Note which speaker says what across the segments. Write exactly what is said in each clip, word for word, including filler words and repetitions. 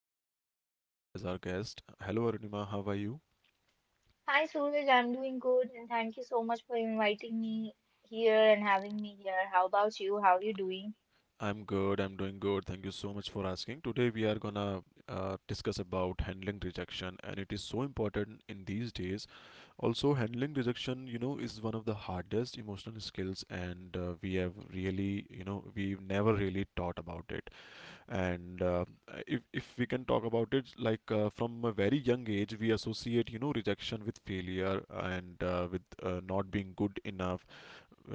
Speaker 1: we have Arunima today as our guest. Hello Arunima, how are you?
Speaker 2: Hi Suraj, I'm doing good and thank you so much for inviting me here and having me here. How about you? How are you doing?
Speaker 1: I'm good, I'm doing good. Thank you so much for asking. Today we are gonna uh, discuss about handling rejection and it is so important in these days. Also handling rejection, you know, is one of the hardest emotional skills, and uh, we have really, you know, we've never really taught about it. And uh, if, if we can talk about it, like uh, from a very young age we associate you know rejection with failure, and uh, with uh, not being good enough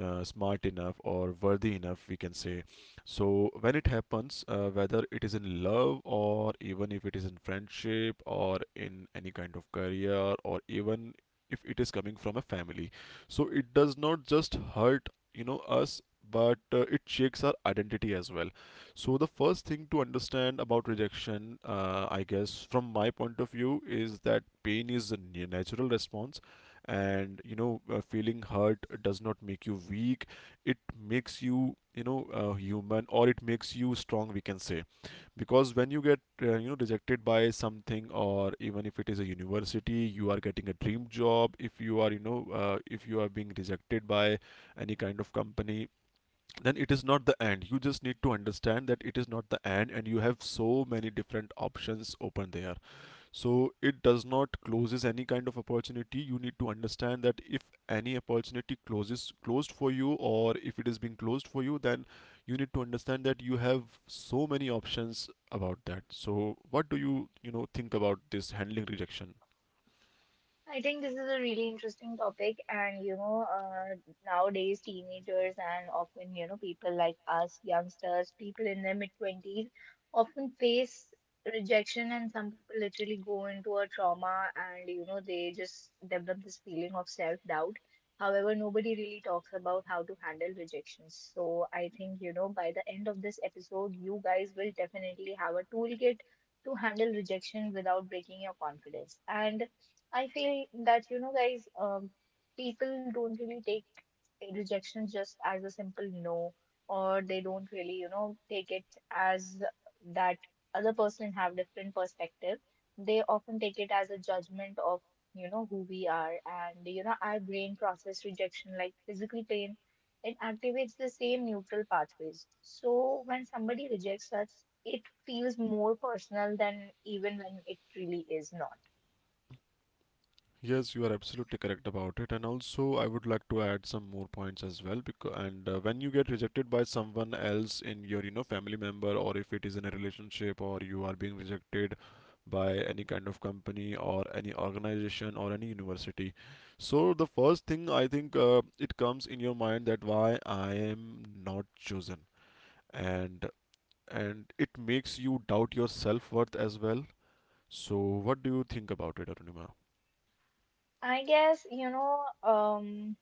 Speaker 1: uh, smart enough, or worthy enough, we can say. So when it happens, uh, whether it is in love, or even if it is in friendship, or in any kind of career, or even if it is coming from a family, so it does not just hurt, you know us, but uh, it shakes our identity as well. So the first thing to understand about rejection, uh, I guess from my point of view, is that pain is a natural response. And you know uh, feeling hurt does not make you weak. It makes you, you know uh, human, or it makes you strong, we can say. Because when you get uh, you know rejected by something, or even if it is a university you are getting a dream job, if you are you know uh, if you are being rejected by any kind of company, then it is not the end. You just need to understand that it is not the end, and you have so many different options open there. So it does not closes any kind of opportunity. You need to understand that if any opportunity closes closed for you, or if it is being closed for you, then you need to understand that you have so many options about that. So what do you you know think about this handling rejection?
Speaker 2: I think this is a really interesting topic, and you know, uh, nowadays teenagers and often you know people like us, youngsters, people in their mid twenties, often face rejection, and some people literally go into a trauma, and you know they just develop this feeling of self doubt. However, nobody really talks about how to handle rejections. So I think you know by the end of this episode, you guys will definitely have a toolkit to handle rejection without breaking your confidence. And I feel that, you know, guys, um, people don't really take rejection just as a simple no, or they don't really, you know, take it as that other person have different perspective. They often take it as a judgment of, you know, who we are. And, you know, our brain process rejection like physical pain. It activates the same neutral pathways. So when somebody rejects us, it feels more personal than even when it really is not.
Speaker 1: Yes, you are absolutely correct about it, and also I would like to add some more points as well. Because and uh, When you get rejected by someone else in your you know family member, or if it is in a relationship, or you are being rejected by any kind of company or any organization or any university, so the first thing, I think, uh, it comes in your mind that why I am not chosen, and and it makes you doubt your self worth as well. So what do you think about it, Arunima?
Speaker 2: I guess, you know, um,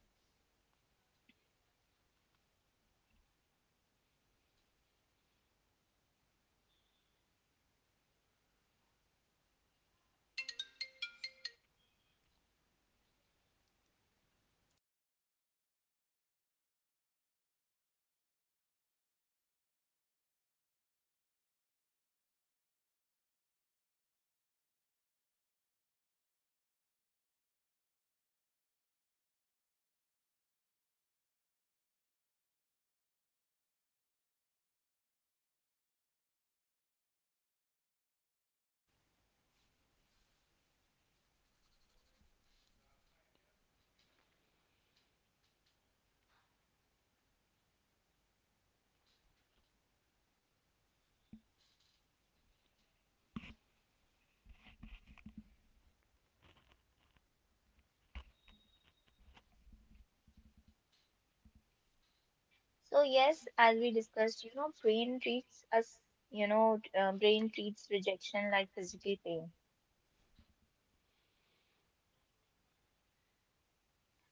Speaker 2: so yes, as we discussed, you know, brain treats us, you know, uh, brain treats rejection like physical pain.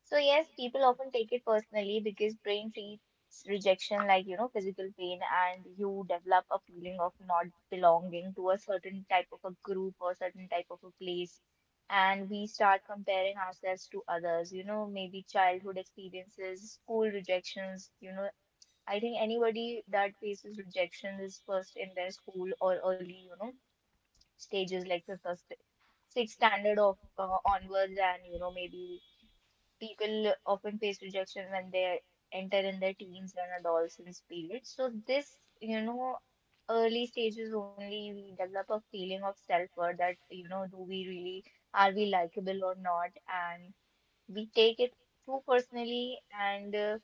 Speaker 2: So yes, people often take it personally because brain treats rejection like, you know, physical pain, and you develop a feeling of not belonging to a certain type of a group or certain type of a place. And we start comparing ourselves to others, you know, maybe childhood experiences, school rejections. you know, I think anybody that faces rejection is first in their school or early, you know, stages like fifth or st- sixth standard of uh, onwards, and you know, maybe people often face rejection when they enter in their teens and adolescence period. So this, you know, early stages only we develop a feeling of self-worth that, you know, do we really, are we likable or not, and we take it too personally, and Uh,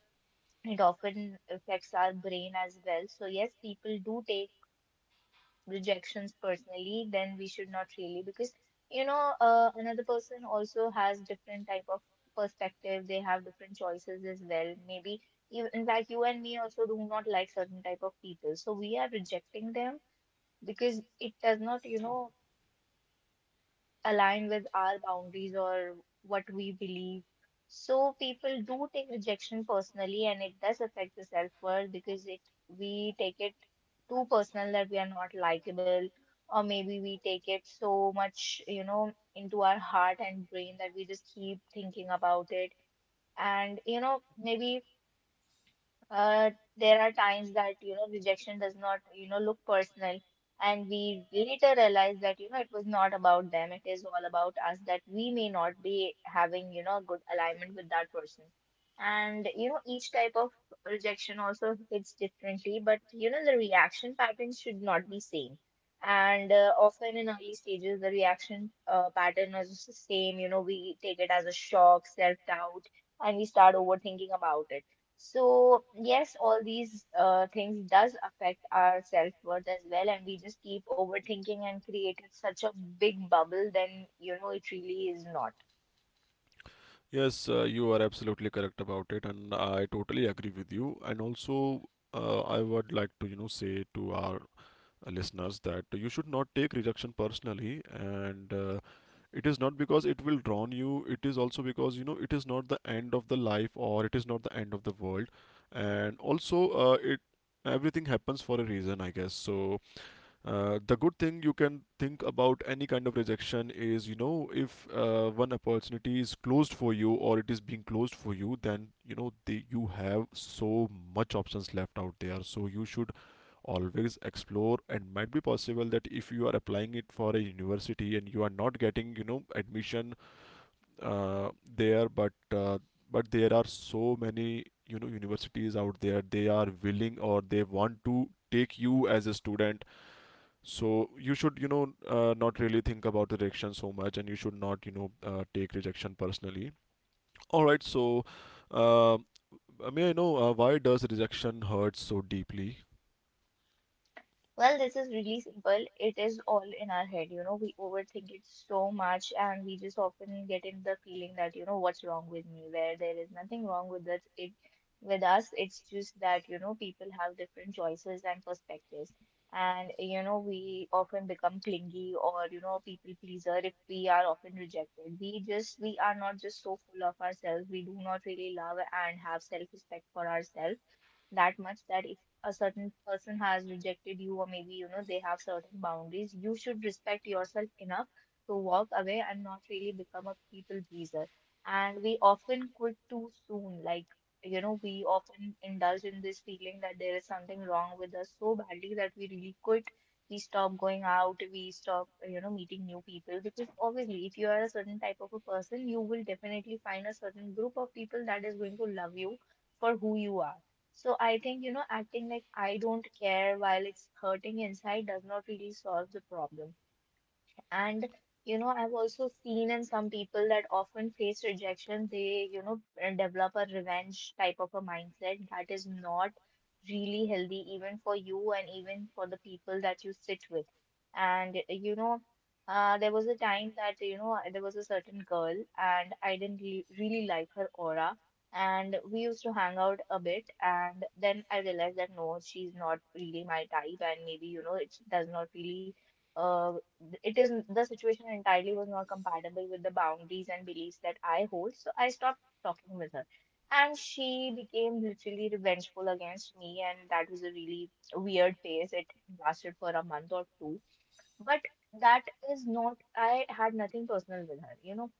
Speaker 2: it often affects our brain as well. So, yes, people do take rejections personally, then we should not really, because you know, uh, another person also has different type of perspective. They have different choices as well. Maybe even in fact, you and me also do not like certain type of people. So we are rejecting them because it does not, you know, align with our boundaries or what we believe. So people do take rejection personally and it does affect the self-worth, because it we take it too personal that we are not likable, or maybe we take it so much, you know, into our heart and brain that we just keep thinking about it. And you know, maybe uh, there are times that, you know, rejection does not, you know, look personal, and we later realize that, you know, it was not about them. It is all about us that we may not be having, you know, a good alignment with that person. And, you know, each type of rejection also hits differently, but, you know, the reaction patterns should not be same. And uh, often in early stages, the reaction uh, pattern is the same. You know, we take it as a shock, self-doubt, and we start overthinking about it. So yes, all these uh, things does affect our self-worth as well, and we just keep overthinking and created such a big bubble, then you know it really is not.
Speaker 1: Yes, uh, you are absolutely correct about it, and I totally agree with you. And also, uh, I would like to, you know, say to our uh, listeners that you should not take rejection personally, and uh, it is not because it will drown you. It is also because you know it is not the end of the life, or it is not the end of the world, and also, uh, it everything happens for a reason, I guess. So uh, the good thing you can think about any kind of rejection is, you know, if uh, one opportunity is closed for you, or it is being closed for you, then you know the, you have so much options left out there. So you should always explore, and might be possible that if you are applying it for a university and you are not getting you know admission uh, there, but uh, but there are so many you know universities out there, they are willing, or they want to take you as a student. So you should, you know, uh, not really think about the rejection so much, and you should not, you know, uh, take rejection personally. All right. So, uh, I I know uh, why does rejection hurt so deeply?
Speaker 2: Well, this is really simple. It is all in our head, you know. We overthink it so much, and we just often get in the feeling that, you know, what's wrong with me, where there is nothing wrong with us. It with us, it's just that, you know, people have different choices and perspectives. And, you know, we often become clingy or, you know, people pleaser if we are often rejected. We just, we are not just so full of ourselves. We do not really love and have self-respect for ourselves that much, that if a certain person has rejected you, or maybe you know they have certain boundaries, you should respect yourself enough to walk away and not really become a people pleaser. And we often quit too soon. Like, you know we often indulge in this feeling that there is something wrong with us so badly that we really quit. We stop going out. We stop, you know meeting new people, because obviously if you are a certain type of a person, you will definitely find a certain group of people that is going to love you for who you are. So I think, you know, acting like I don't care while it's hurting inside does not really solve the problem. And you know, I've also seen in some people that often face rejection, they, you know, develop a revenge type of a mindset that is not really healthy, even for you and even for the people that you sit with. And you know, uh, there was a time that, you know, there was a certain girl and I didn't re really like her aura. And we used to hang out a bit, and then I realized that no, she's not really my type, and maybe, you know, it does not really uh, it is the situation entirely was not compatible with the boundaries and beliefs that I hold, so I stopped talking with her. And she became literally revengeful against me, and that was a really weird phase. It lasted for a month or two, but that is not, I had nothing personal with her. You know,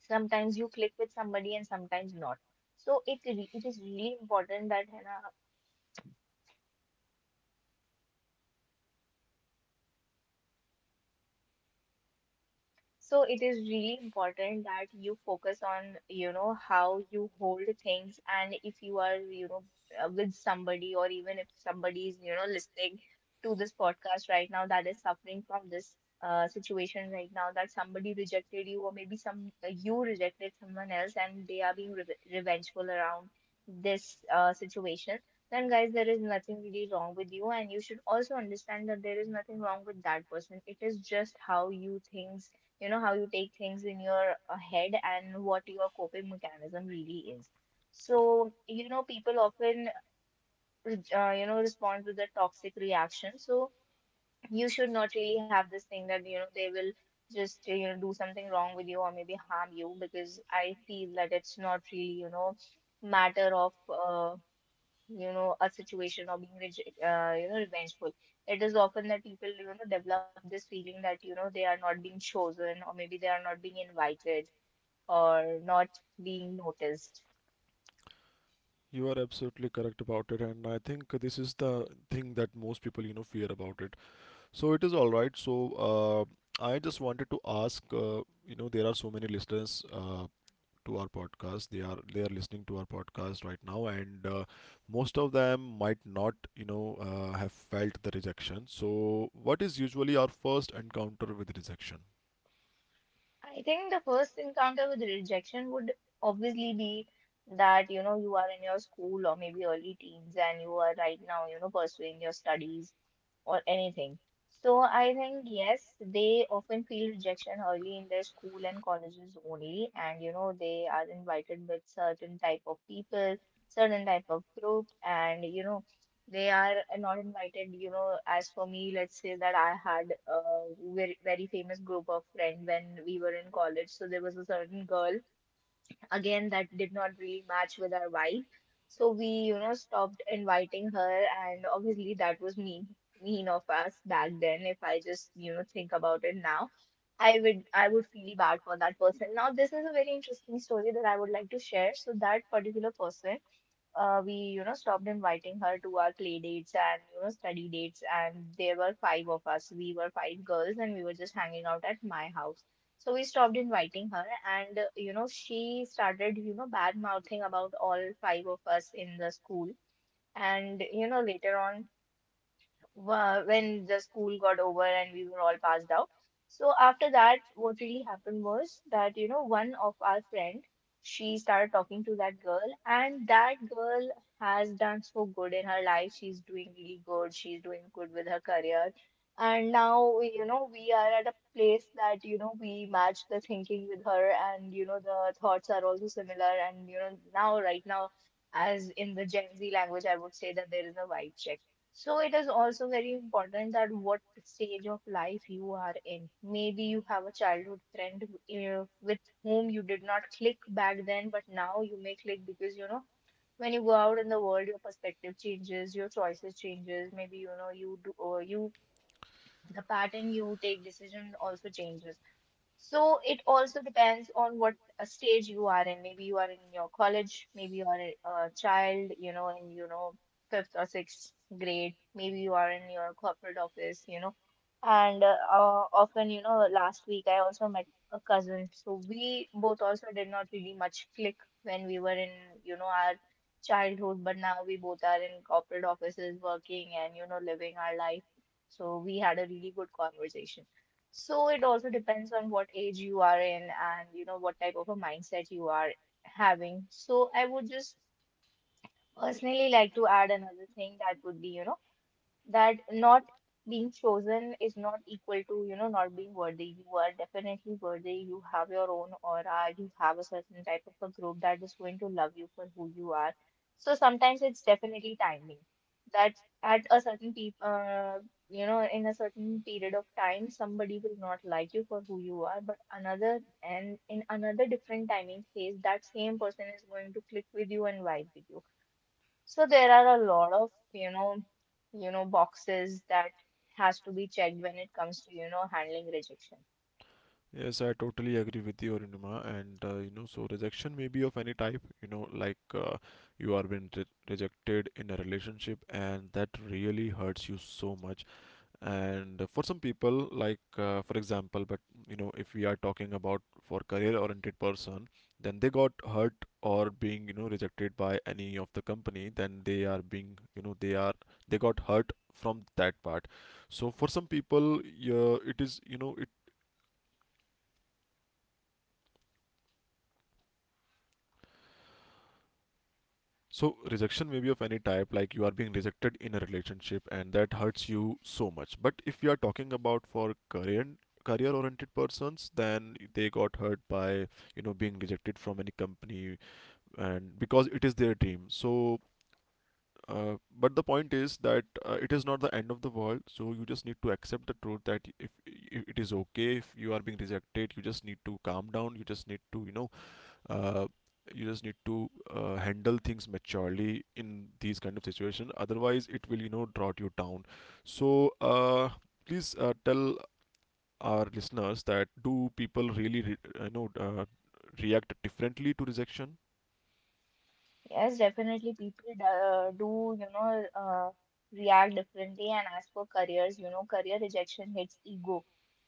Speaker 2: sometimes you click with somebody and sometimes not. So it re- it is really important that Hannah So it is really important that you focus on, you know, how you hold things, and if you are, you know, uh, with somebody, or even if somebody is, you know, listening to this podcast right now that is suffering from this uh, situation right now, that somebody rejected you, or maybe some uh, you rejected someone else and they are being reve revengeful around this uh, situation, then guys, there is nothing really wrong with you, and you should also understand that there is nothing wrong with that person. It is just how you think, you know how you take things in your uh, head and what your coping mechanism really is. So you know people often uh, you know respond with a toxic reaction. So you should not really have this thing that you know they will just uh, you know do something wrong with you or maybe harm you, because I feel that it's not really you know matter of uh, you know, a situation or being, rege- uh, you know, revengeful. It is often that people, you know, develop this feeling that, you know, they are not being chosen or maybe they are not being invited or not being noticed.
Speaker 1: You are absolutely correct about it, and I think this is the thing that most people, you know, fear about it. So it is all right. So uh, I just wanted to ask, uh, you know, there are so many listeners. Uh, to our podcast, they are they are listening to our podcast right now. And uh, most of them might not, you know uh, have felt the rejection. So what is usually our first encounter with rejection?
Speaker 2: I think the first encounter with rejection would obviously be that, you know, you are in your school or maybe early teens, and you are right now, you know, pursuing your studies or anything. So I think yes, they often feel rejection early in their school and colleges only, and you know they are invited with certain type of people, certain type of group, and you know they are not invited. You know, as for me, let's say that I had a very very famous group of friends when we were in college. So there was a certain girl again that did not really match with our vibe, so we you know stopped inviting her. And obviously that was mean mean of us back then. If I just you know think about it now, I would i would feel bad for that person. Now this is a very interesting story that I would like to share. So that particular person, uh, we you know stopped inviting her to our play dates and you know study dates, and there were five of us. We were five girls and we were just hanging out at my house, so we stopped inviting her. And uh, you know she started you know bad mouthing about all five of us in the school. And you know later on, wha- when the school got over and we were all passed out. So after that, what really happened was that, you know, one of our friend, she started talking to that girl, and that girl has done so good in her life. She's doing really good. She's doing good with her career. And now, you know, we are at a place that, you know, we match the thinking with her, and, you know, the thoughts are also similar. And, you know, now, right now, as in the Gen Z language, I would say that there is a vibe check. So it is also very important that what stage of life you are in. Maybe you have a childhood friend uh, with whom you did not click back then, but now you may click because you know when you go out in the world, your perspective changes, your choices changes. Maybe you know you do or you the pattern you take decision also changes. So it also depends on what uh, stage you are in. Maybe you are in your college, maybe you are a a child, you know, in, you know, fifth or sixth grade. Maybe you are in your corporate office, you know. And uh, uh, often, you know, last week I also met a cousin. So we both also did not really much click when we were in, you know, our childhood, but now we both are in corporate offices working and, you know, living our life. So we had a really good conversation. So it also depends on what age you are in and you know what type of a mindset you are having. So I would just personally like to add another thing that would be, you know, that not being chosen is not equal to you know not being worthy. You are definitely worthy. You have your own aura. You have a certain type of a group that is going to love you for who you are. So sometimes it's definitely timing that at a certain peop uh, you know, in a certain period of time somebody will not like you for who you are, but another, and in another different timing phase, that same person is going to click with you and vibe with you. So there are a lot of, you know, you know, boxes that has to be checked when it comes to, you know, handling rejection.
Speaker 1: Yes, I totally agree with you, Arunima. And uh, you know, so rejection may be of any type. You know, like uh, you are being re rejected in a relationship, and that really hurts you so much. And for some people, like uh, for example, but you know if we are talking about for career oriented person, then they got hurt, or being you know rejected by any of the company, then they are being you know they are they got hurt from that part. So for some people, yeah, it is, you know it. So rejection may be of any type, like you are being rejected in a relationship and that hurts you so much. But if we are talking about for career career oriented persons, then they got hurt by you know being rejected from any company, and because it is their dream. So, uh, but the point is that, uh, it is not the end of the world. So you just need to accept the truth that if, if it is okay, if you are being rejected, you just need to calm down. You just need to you know uh, you just need to uh, handle things maturely in these kind of situation, otherwise it will you know drop you down. So, uh, please, uh, tell our listeners, that do people really re- you know uh, react differently to rejection?
Speaker 2: Yes, definitely. People do, uh, do, you know, uh, react differently. And as for careers, you know, career rejection hits ego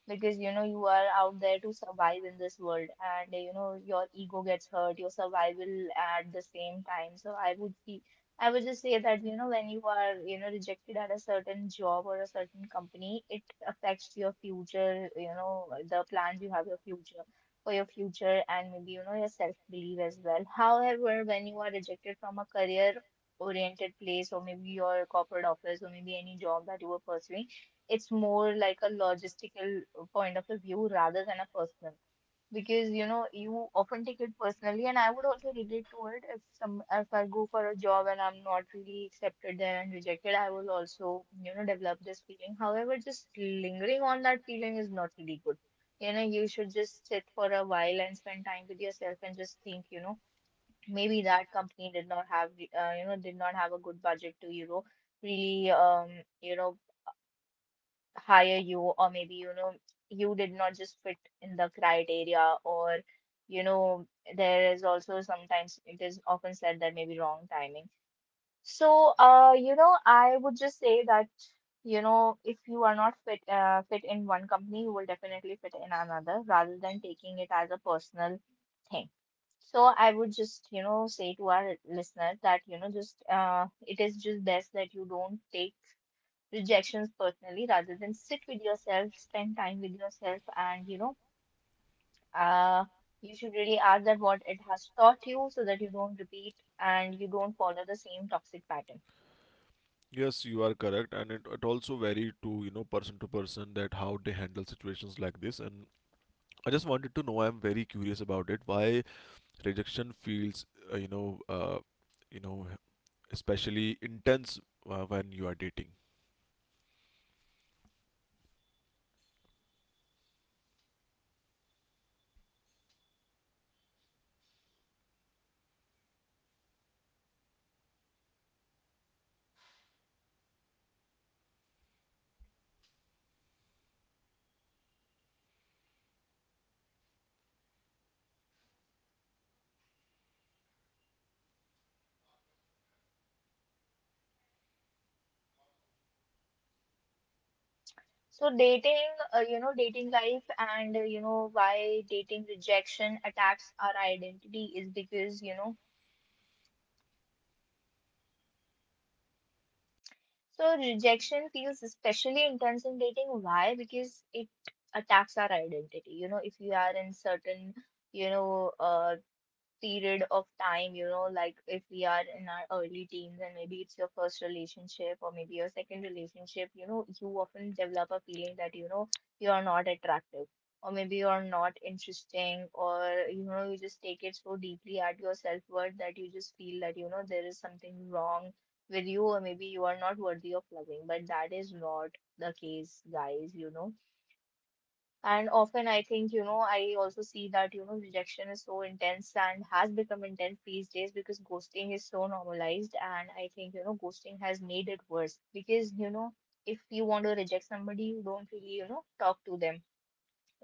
Speaker 2: because, you know, you are out there to survive in this world and, you know, your ego gets hurt, your survival at the same time. So I would be, I would just say that, you know, when you are, you know, rejected at a certain job or a certain company, it affects your future, you know, the plans you have, your future for your future, and maybe you know your self belief as well. However, when you are rejected from a career oriented place or maybe your corporate office or maybe any job that you were pursuing, it's more like a logistical point of the view rather than a personal, because you know you often take it personally. And I would also relate to it. If some if I go for a job and I'm not really accepted there and rejected, I will also, you know, develop this feeling. However, just lingering on that feeling is not really good. You know, you should just sit for a while and spend time with yourself and just think, you know, maybe that company did not have uh, you know, did not have a good budget to you know really um you know hire you, or maybe you know you did not just fit in the criteria, or you know, there is also sometimes it is often said that maybe wrong timing. So uh you know, I would just say that, you know, if you are not fit uh, fit in one company, you will definitely fit in another, rather than taking it as a personal thing. So I would just, you know, say to our listeners that, you know, just uh, it is just best that you don't take rejections personally, rather than sit with yourself, spend time with yourself, and you know, uh, you should really ask that what it has taught you so that you don't repeat and you don't follow the same toxic pattern.
Speaker 1: Yes, you are correct, and it, it also vary to you know person to person, that how they handle situations like this. And I just wanted to know, I'm very curious about it, why rejection feels uh, you know uh, you know especially intense, uh, when you are dating?
Speaker 2: So, dating, uh, you know, dating life and uh, you know, why dating rejection attacks our identity is because you know, so rejection feels especially intense in dating. Why? Because it attacks our identity. You know, if you are in certain you know, uh, period of time, you know, like if we are in our early teens and maybe it's your first relationship or maybe your second relationship, you know, you often develop a feeling that, you know, you are not attractive, or maybe you are not interesting, or, you know, you just take it so deeply at your self-worth that you just feel that, you know, there is something wrong with you, or maybe you are not worthy of loving. But that is not the case, guys. You know, and often I think, you know, I also see that, you know, rejection is so intense and has become intense these days because ghosting is so normalized. And I think, you know, ghosting has made it worse because, you know, if you want to reject somebody, you don't really, you know, talk to them.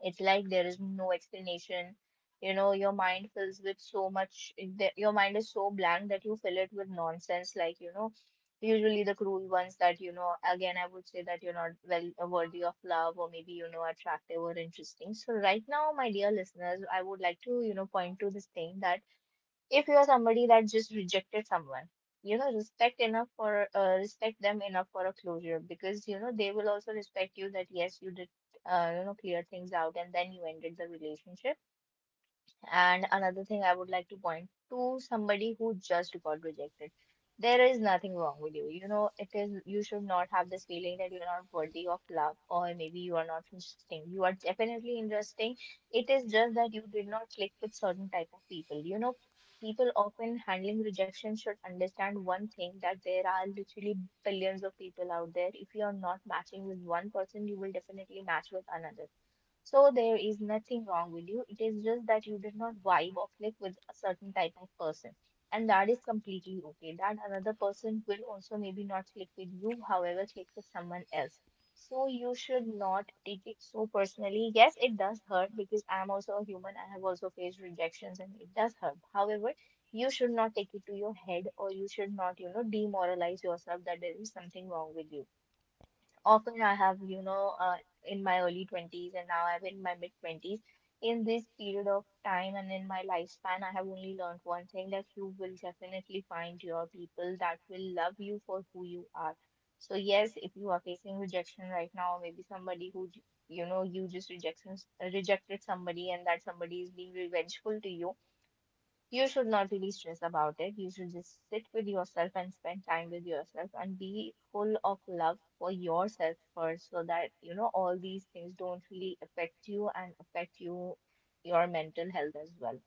Speaker 2: It's like there is no explanation. You know, your mind fills with so much, the- your mind is so blank that you fill it with nonsense, like, you know, usually the cruel ones that, you know, again, I would say that you're not well uh, worthy of love, or maybe, you know, attractive or interesting. So, right now, my dear listeners, I would like to, you know, point to this thing that if you are somebody that just rejected someone, you know, respect enough for uh, respect them enough for a closure, because you know they will also respect you that yes, you did uh, you know, clear things out and then you ended the relationship. And another thing I would like to point to somebody who just got rejected. There is nothing wrong with you. You know, it is you should not have this feeling that you're not worthy of love, or maybe you are not interesting. You are definitely interesting. It is just that you did not click with certain type of people. You know, people often handling rejection should understand one thing, that there are literally billions of people out there. If you are not matching with one person, you will definitely match with another. So there is nothing wrong with you. It is just that you did not vibe or click with a certain type of person. And that is completely okay. That another person will also maybe not click with you, however, click with someone else. So you should not take it so personally. Yes, it does hurt, because I am also a human. I have also faced rejections and it does hurt. However, you should not take it to your head, or you should not, you know, demoralize yourself that there is something wrong with you. Often I have, you know, uh, in my early twenties, and now I'm in my mid twenties. In this period of time and in my lifespan, I have only learned one thing, that you will definitely find your people that will love you for who you are. So, yes, if you are facing rejection right now, maybe somebody who, j- you know, you just rejection, rejected somebody and that somebody is being revengeful to you, you should not really stress about it. You should just sit with yourself and spend time with yourself and be full of love for yourself first, so that, you know, all these things don't really affect you and affect you, your mental health as well.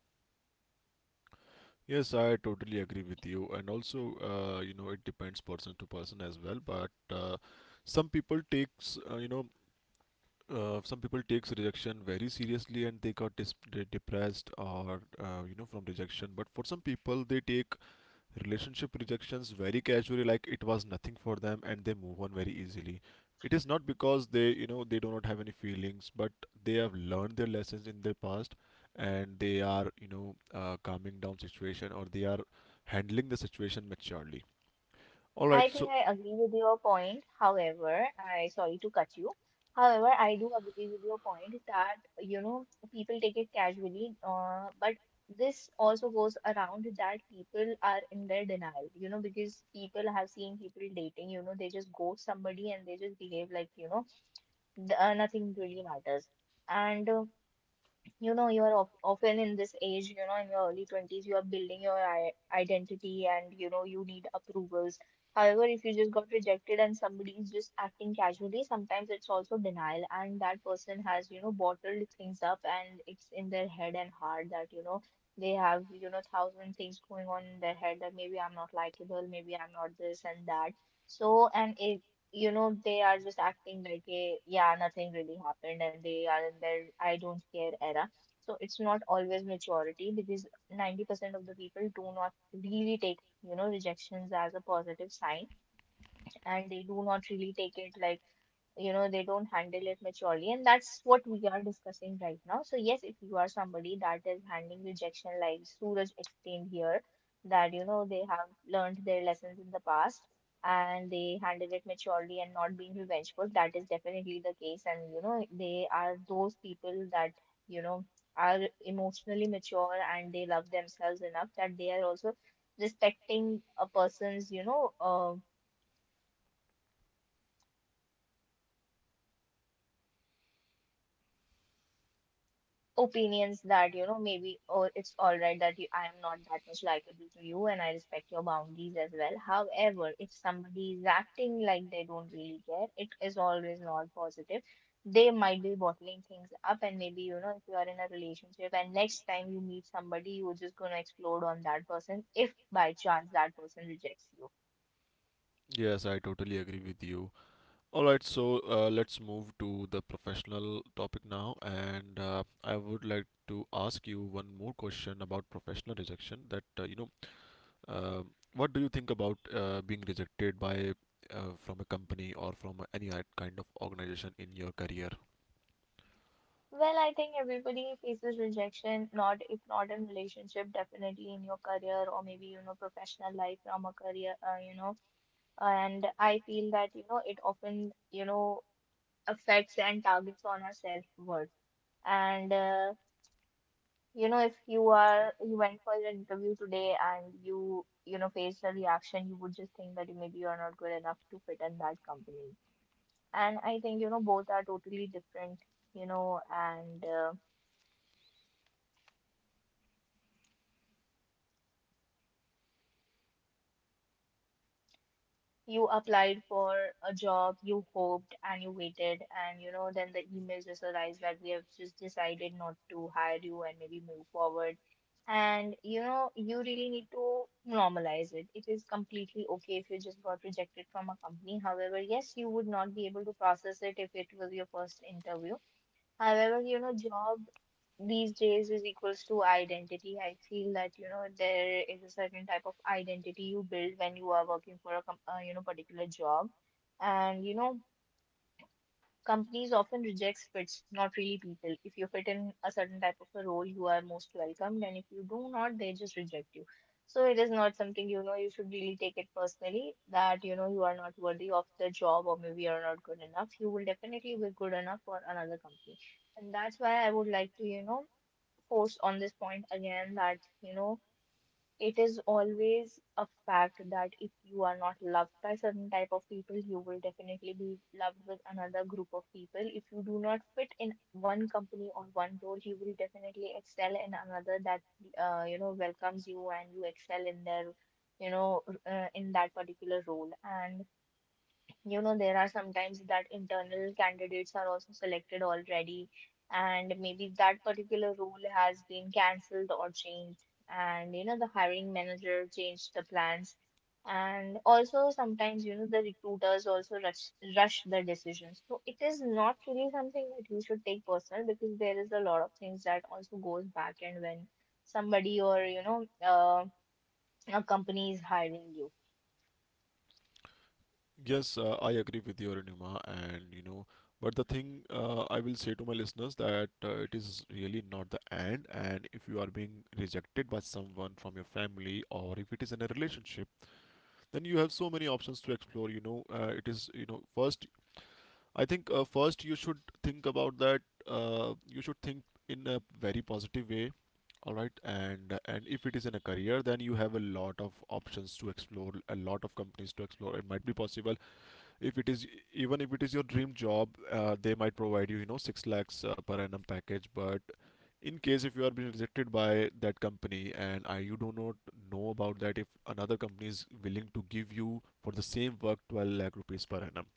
Speaker 1: Yes, I totally agree with you, and also uh, you know it depends person to person as well. But uh, some people takes uh, you know uh, some people takes rejection very seriously, and they got dis- de- depressed, or uh, you know from rejection. But for some people, they take Relationship rejections very casually, like it was nothing for them, and they move on very easily. It is not because they, you know, they do not have any feelings, but they have learned their lessons in their past, and they are, you know, uh, calming down situation, or they are handling the situation maturely. All right,
Speaker 2: I think
Speaker 1: so
Speaker 2: I agree with your point. However, I sorry to cut you. However, I do agree with your point that you know people take it casually, uh, but this also goes around that people are in their denial, you know, because people have seen people dating, you know, they just ghost somebody and they just behave like, you know, th- uh, nothing really matters. And uh, You know, you are of, often in this age, you know, in your early twenties you are building your i- identity, and you know you need approvals. However, if you just got rejected and somebody is just acting casually, sometimes it's also denial, and that person has, you know, bottled things up, and it's in their head and heart that, you know, they have, you know, thousand things going on in their head that maybe I'm not likable, maybe I'm not this and that. So and it you know, they are just acting like a yeah, nothing really happened, and they are in their I don't care era. So it's not always maturity because ninety percent of the people do not really take, you know, rejections as a positive sign, and they do not really take it like, you know, they don't handle it maturely, and that's what we are discussing right now. So yes, if you are somebody that is handling rejection like Suraj explained here, that, you know, they have learned their lessons in the past and they handle it maturely and not being revengeful, that is definitely the case. And you know, they are those people that, you know, are emotionally mature, and they love themselves enough that they are also respecting a person's, you know, uh, opinions, that, you know, maybe or it's all right that you, I am not that much likable to you, and I respect your boundaries as well. However, if somebody is acting like they don't really care, it is always not positive. They might be bottling things up, and maybe, you know, if you are in a relationship and next time you meet somebody, you're just gonna explode on that person if by chance that person rejects you.
Speaker 1: yes, I totally agree with you. All right, so uh, let's move to the professional topic now. And uh, I would like to ask you one more question about professional rejection, that uh, you know Uh, what do you think about uh, being rejected by uh, from a company, or from any i- kind of organization in your career?
Speaker 2: Well, I think everybody faces rejection, not if not in relationship, definitely in your career or maybe, you know, professional life from a career, uh, you know. And I feel that, you know, it often, you know, affects and targets on our self-worth. And uh, you know, if you are, you went for your interview today and you you know faced a reaction, you would just think that maybe you are not good enough to fit in that company. And I think, you know, both are totally different, you know, and. Uh, You applied for a job, you hoped and you waited, and you know, then the email just arrives that we have just decided not to hire you and maybe move forward. And you know, you really need to normalize it. It is completely okay if you just got rejected from a company. However, yes, you would not be able to process it if it was your first interview. However, you know, job these days is equals to identity. I feel that, you know, there is a certain type of identity you build when you are working for a com uh, you know, particular job, and you know, companies often rejects fits, not really people. If you fit in a certain type of a role, you are most welcomed, and if you do not, they just reject you. So it is not something, you know, you should really take it personally that, you know, you are not worthy of the job or maybe you are not good enough. You will definitely be good enough for another company. And that's why I would like to, you know, force on this point again that, you know, it is always a fact that if you are not loved by certain type of people, you will definitely be loved with another group of people. If you do not fit in one company or one role, you will definitely excel in another that, uh, you know, welcomes you, and you excel in their, you know, uh, in that particular role. And you know, there are sometimes that internal candidates are also selected already, and maybe that particular role has been cancelled or changed, and you know, the hiring manager changed the plans. And also sometimes, you know, the recruiters also rush rush the decisions. So it is not really something that you should take personal, because there is a lot of things that also goes back, and when somebody or you know, uh, a company is hiring you.
Speaker 1: Yes, uh, I agree with you, Nima, and you know, but the thing, uh, I will say to my listeners, that uh, it is really not the end. And if you are being rejected by someone from your family, or if it is in a relationship, then you have so many options to explore. You know, uh, it is, you know first I think uh, first, you should think about that. Uh, you should think in a very positive way, all right. And and if it is in a career, then you have a lot of options to explore, a lot of companies to explore. It might be possible, if it is even if it is your dream job, uh, they might provide you, you know, six lakhs uh, per annum package. But in case if you are being rejected by that company, and I, you do not know about that, if another company is willing to give you for the same work twelve lakh rupees lakh rupees per annum.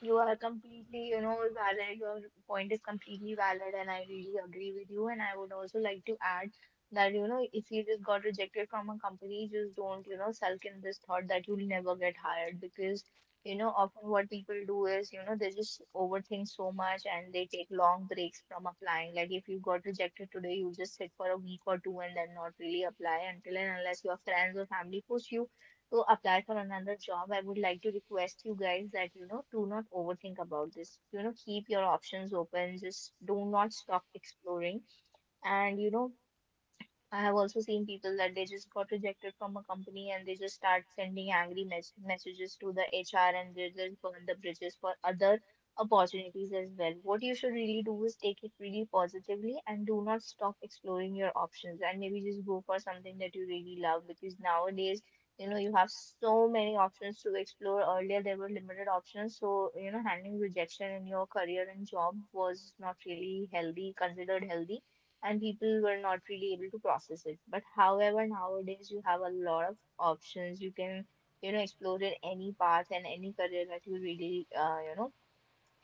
Speaker 2: You are completely, you know, valid. Your point is completely valid, and I really agree with you. And I would also like to add that, you know, if you just got rejected from a company, just don't, you know, sulk in this thought that you'll never get hired because, you know, often what people do is, you know, they just overthink so much and they take long breaks from applying. Like if you got rejected today, you just sit for a week or two and then not really apply until and unless your friends or family push you to apply for another job. I would like to request you guys that, you know, do not overthink about this. You know, keep your options open. Just do not stop exploring. And, you know, I have also seen people that they just got rejected from a company and they just start sending angry mes messages to the H R, and they just burn the bridges for other opportunities as well. What you should really do is take it really positively and do not stop exploring your options, and maybe just go for something that you really love, because nowadays, you know, you have so many options to explore. Earlier, there were limited options, so you know, handling rejection in your career and job was not really healthy, considered healthy, and people were not really able to process it. But however, nowadays you have a lot of options. You can, you know, explore in any path and any career that you really, uh, you know,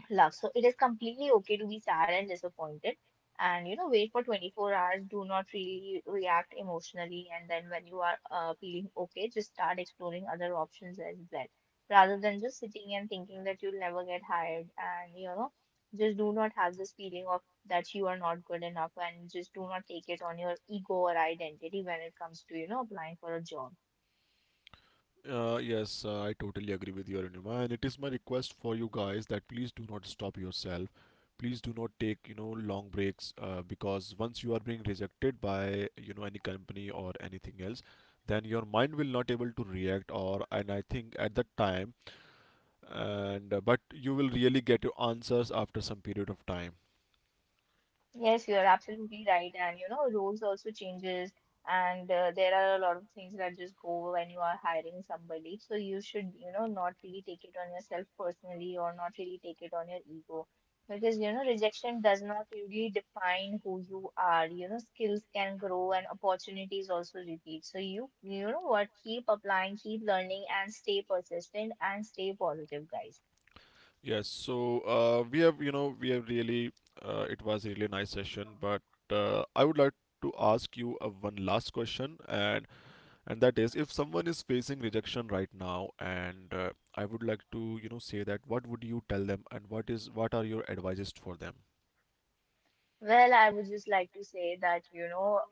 Speaker 2: love. So it is completely okay to be sad and disappointed. And you know, wait for twenty-four hours. Do not really react emotionally. And then when you are uh, feeling okay, just start exploring other options as well, rather than just sitting and thinking that you'll never get hired. And you know, just do not have this feeling of that you are not good enough, and just do not take it on your ego or identity when it comes to, you know, applying for a job.
Speaker 1: Uh, yes, uh, I totally agree with you, Arunima, and it is my request for you guys that please do not stop yourself. Please do not take you know long breaks, uh, because once you are being rejected by you know any company or anything else, then your mind will not able to react. Or, and I think at that time, and uh, but you will really get your answers after some period of time.
Speaker 2: Yes, you are absolutely right. And you know, roles also changes, and uh, there are a lot of things that just go when you are hiring somebody. So you should, you know, not really take it on yourself personally or not really take it on your ego. Because, you know, rejection does not really define who you are. You know, skills can grow, and opportunities also repeat. So you, you know what, keep applying, keep learning, and stay persistent and stay positive, guys.
Speaker 1: Yes, so uh, we have you know we have really uh, it was really a nice session. But uh, I would like to ask you uh, one last question. And and that is, if someone is facing rejection right now, and uh, I would like to you know say, that what would you tell them, and what is what are your advices for them?
Speaker 2: Well, I would just like to say that, you know,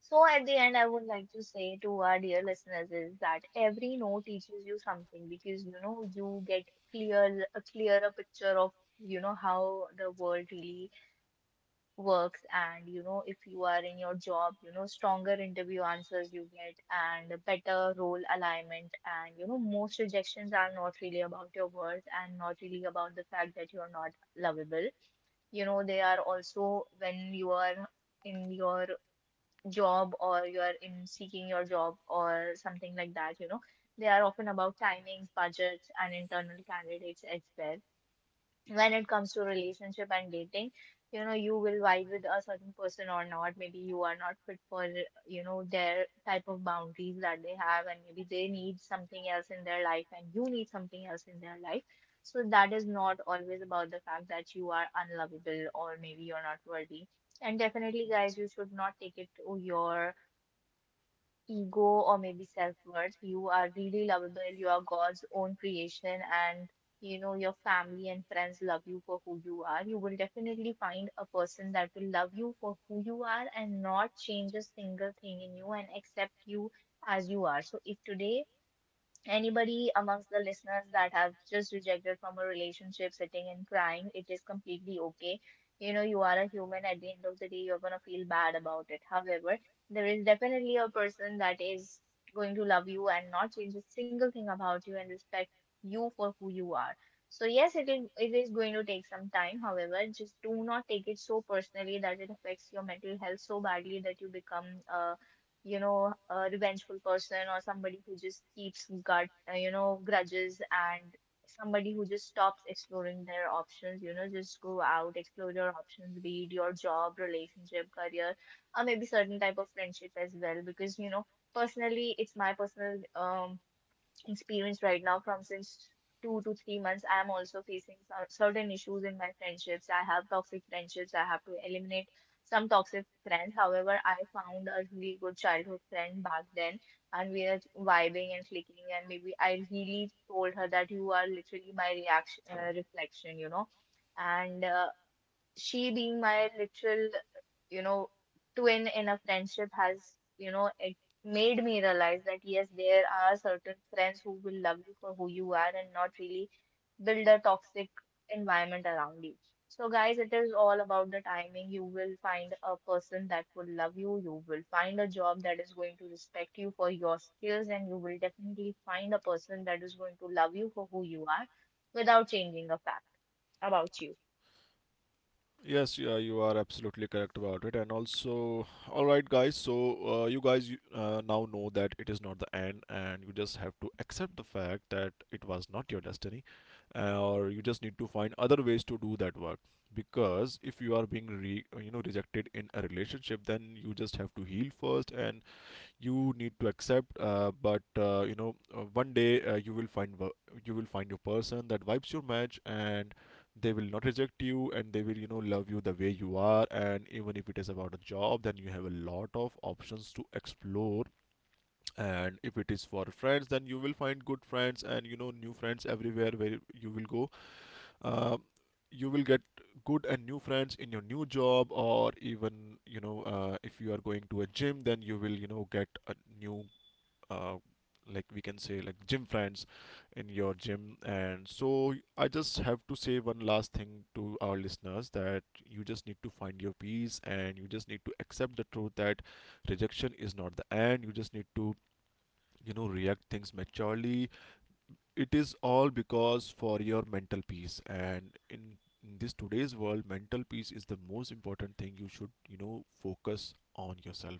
Speaker 2: so, at the end, I would like to say to our dear listeners is that every no teaches you something, because you know, you get clear a clearer picture of, you know, how the world really works. And you know, if you are in your job, you know, stronger interview answers you get and a better role alignment. And you know, most rejections are not really about your worth and not really about the fact that you are not lovable. You know, they are also, when you are in your job or you're in seeking your job or something like that, you know, they are often about timings, budgets, and internal candidates as well. When it comes to relationship and dating, you know, you will vibe with a certain person or not. Maybe you are not fit for, you know, their type of boundaries that they have, and maybe they need something else in their life, and you need something else in their life. So that is not always about the fact that you are unlovable or maybe you're not worthy. And definitely, guys, you should not take it to your ego or maybe self-worth. You are really lovable. You are God's own creation, and you know, your family and friends love you for who you are. You will definitely find a person that will love you for who you are and not change a single thing in you, and accept you as you are. So if today anybody amongst the listeners that have just rejected from a relationship, sitting and crying, it is completely okay. You know, you are a human. At the end of the day, you're gonna feel bad about it. However, there is definitely a person that is going to love you and not change a single thing about you and respect you for who you are. So yes, it is it is going to take some time. However, just do not take it so personally that it affects your mental health so badly that you become uh you know, a revengeful person, or somebody who just keeps gut, uh, you know, grudges, and somebody who just stops exploring their options. You know, just go out, explore your options, be it your job, relationship, career, or maybe certain type of friendship as well. Because, you know, personally, it's my personal um experience right now from since two to three months. I'm also facing some certain issues in my friendships. I have toxic friendships, I have to eliminate some toxic friends. However, I found a really good childhood friend back then, and we are vibing and clicking, and maybe I really told her that you are literally my reaction uh, reflection, you know. And uh, she being my literal, you know, twin in a friendship has, you know, it made me realize that yes, there are certain friends who will love you for who you are and not really build a toxic environment around you. So, guys, it is all about the timing. You will find a person that will love you. You will find a job that is going to respect you for your skills, and you will definitely find a person that is going to love you for who you are without changing a fact about you.
Speaker 1: Yes yeah, you are absolutely correct about it, and also all right, guys, so, uh, you guys, uh, now know that it is not the end, and you just have to accept the fact that it was not your destiny, uh, or you just need to find other ways to do that work. Because if you are being re- you know rejected in a relationship, then you just have to heal first. And you need to accept, uh, but, uh, you know uh, one day, uh, you will find wo- you will find your person that vibes your match. And they will not reject you, and they will you know love you the way you are. And even if it is about a job, then you have a lot of options to explore. And if it is for friends, then you will find good friends and you know new friends everywhere where you will go. uh, you will get good and new friends in your new job, or even, you know uh, if you are going to a gym, then you will you know get a new, uh, like we can say, like gym friends in your gym. And so I just have to say one last thing to our listeners, that you just need to find your peace, and you just need to accept the truth, that rejection is not the end. You just need to, you know react things maturely. It is all because for your mental peace. And in, in this today's world, mental peace is the most important thing. You should, you know focus on yourself.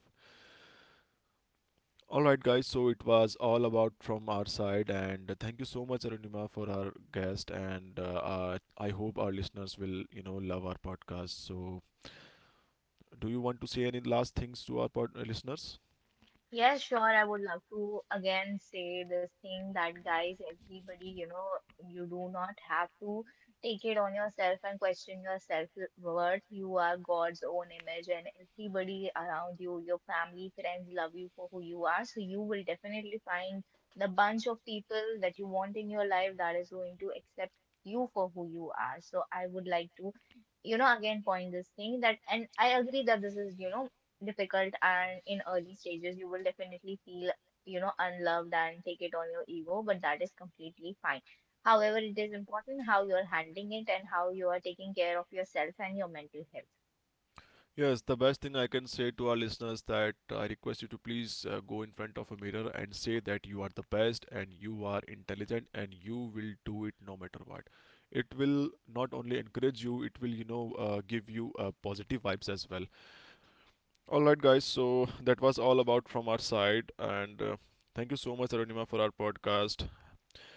Speaker 1: All right, guys. So it was all about from our side, and thank you so much, Arunima, for our guest. And uh, uh, I hope our listeners will, you know, love our podcast. So, do you want to say any last things to our pod- uh, listeners?
Speaker 2: Yeah, sure. I would love to again say this thing that, guys, everybody, you know, you do not have to take it on yourself and question your self-worth. You are God's own image, and everybody around you, your family, friends, love you for who you are. So you will definitely find the bunch of people that you want in your life that is going to accept you for who you are. So I would like to, you know, again point this thing that, and I agree that this is, you know, difficult, and in early stages you will definitely feel, you know, unloved and take it on your ego, but that is completely fine. However, it is important how you are handling it and how you are taking care of yourself and your mental health.
Speaker 1: Yes, the best thing I can say to our listeners, that I request you to please, uh, go in front of a mirror and say that you are the best and you are intelligent, and you will do it no matter what. It will not only encourage you, it will, you know, uh, give you, uh, positive vibes as well. All right, guys. So that was all about from our side, and uh, thank you so much, Arunima, for our podcast.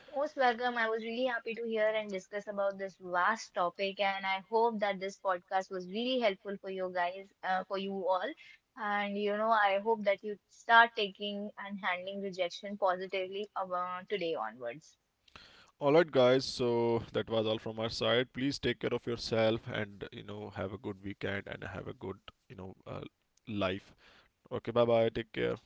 Speaker 2: Most welcome. I was really happy to hear and discuss about this vast topic, and I hope that this podcast was really helpful for you guys, uh, for you all. And you know, I hope that you start taking and handling rejection positively, uh, today onwards.
Speaker 1: All right, guys. So that was all from our side. Please take care of yourself, and, you know, have a good weekend, and have a good, you know uh, life. Okay, bye bye. Take care.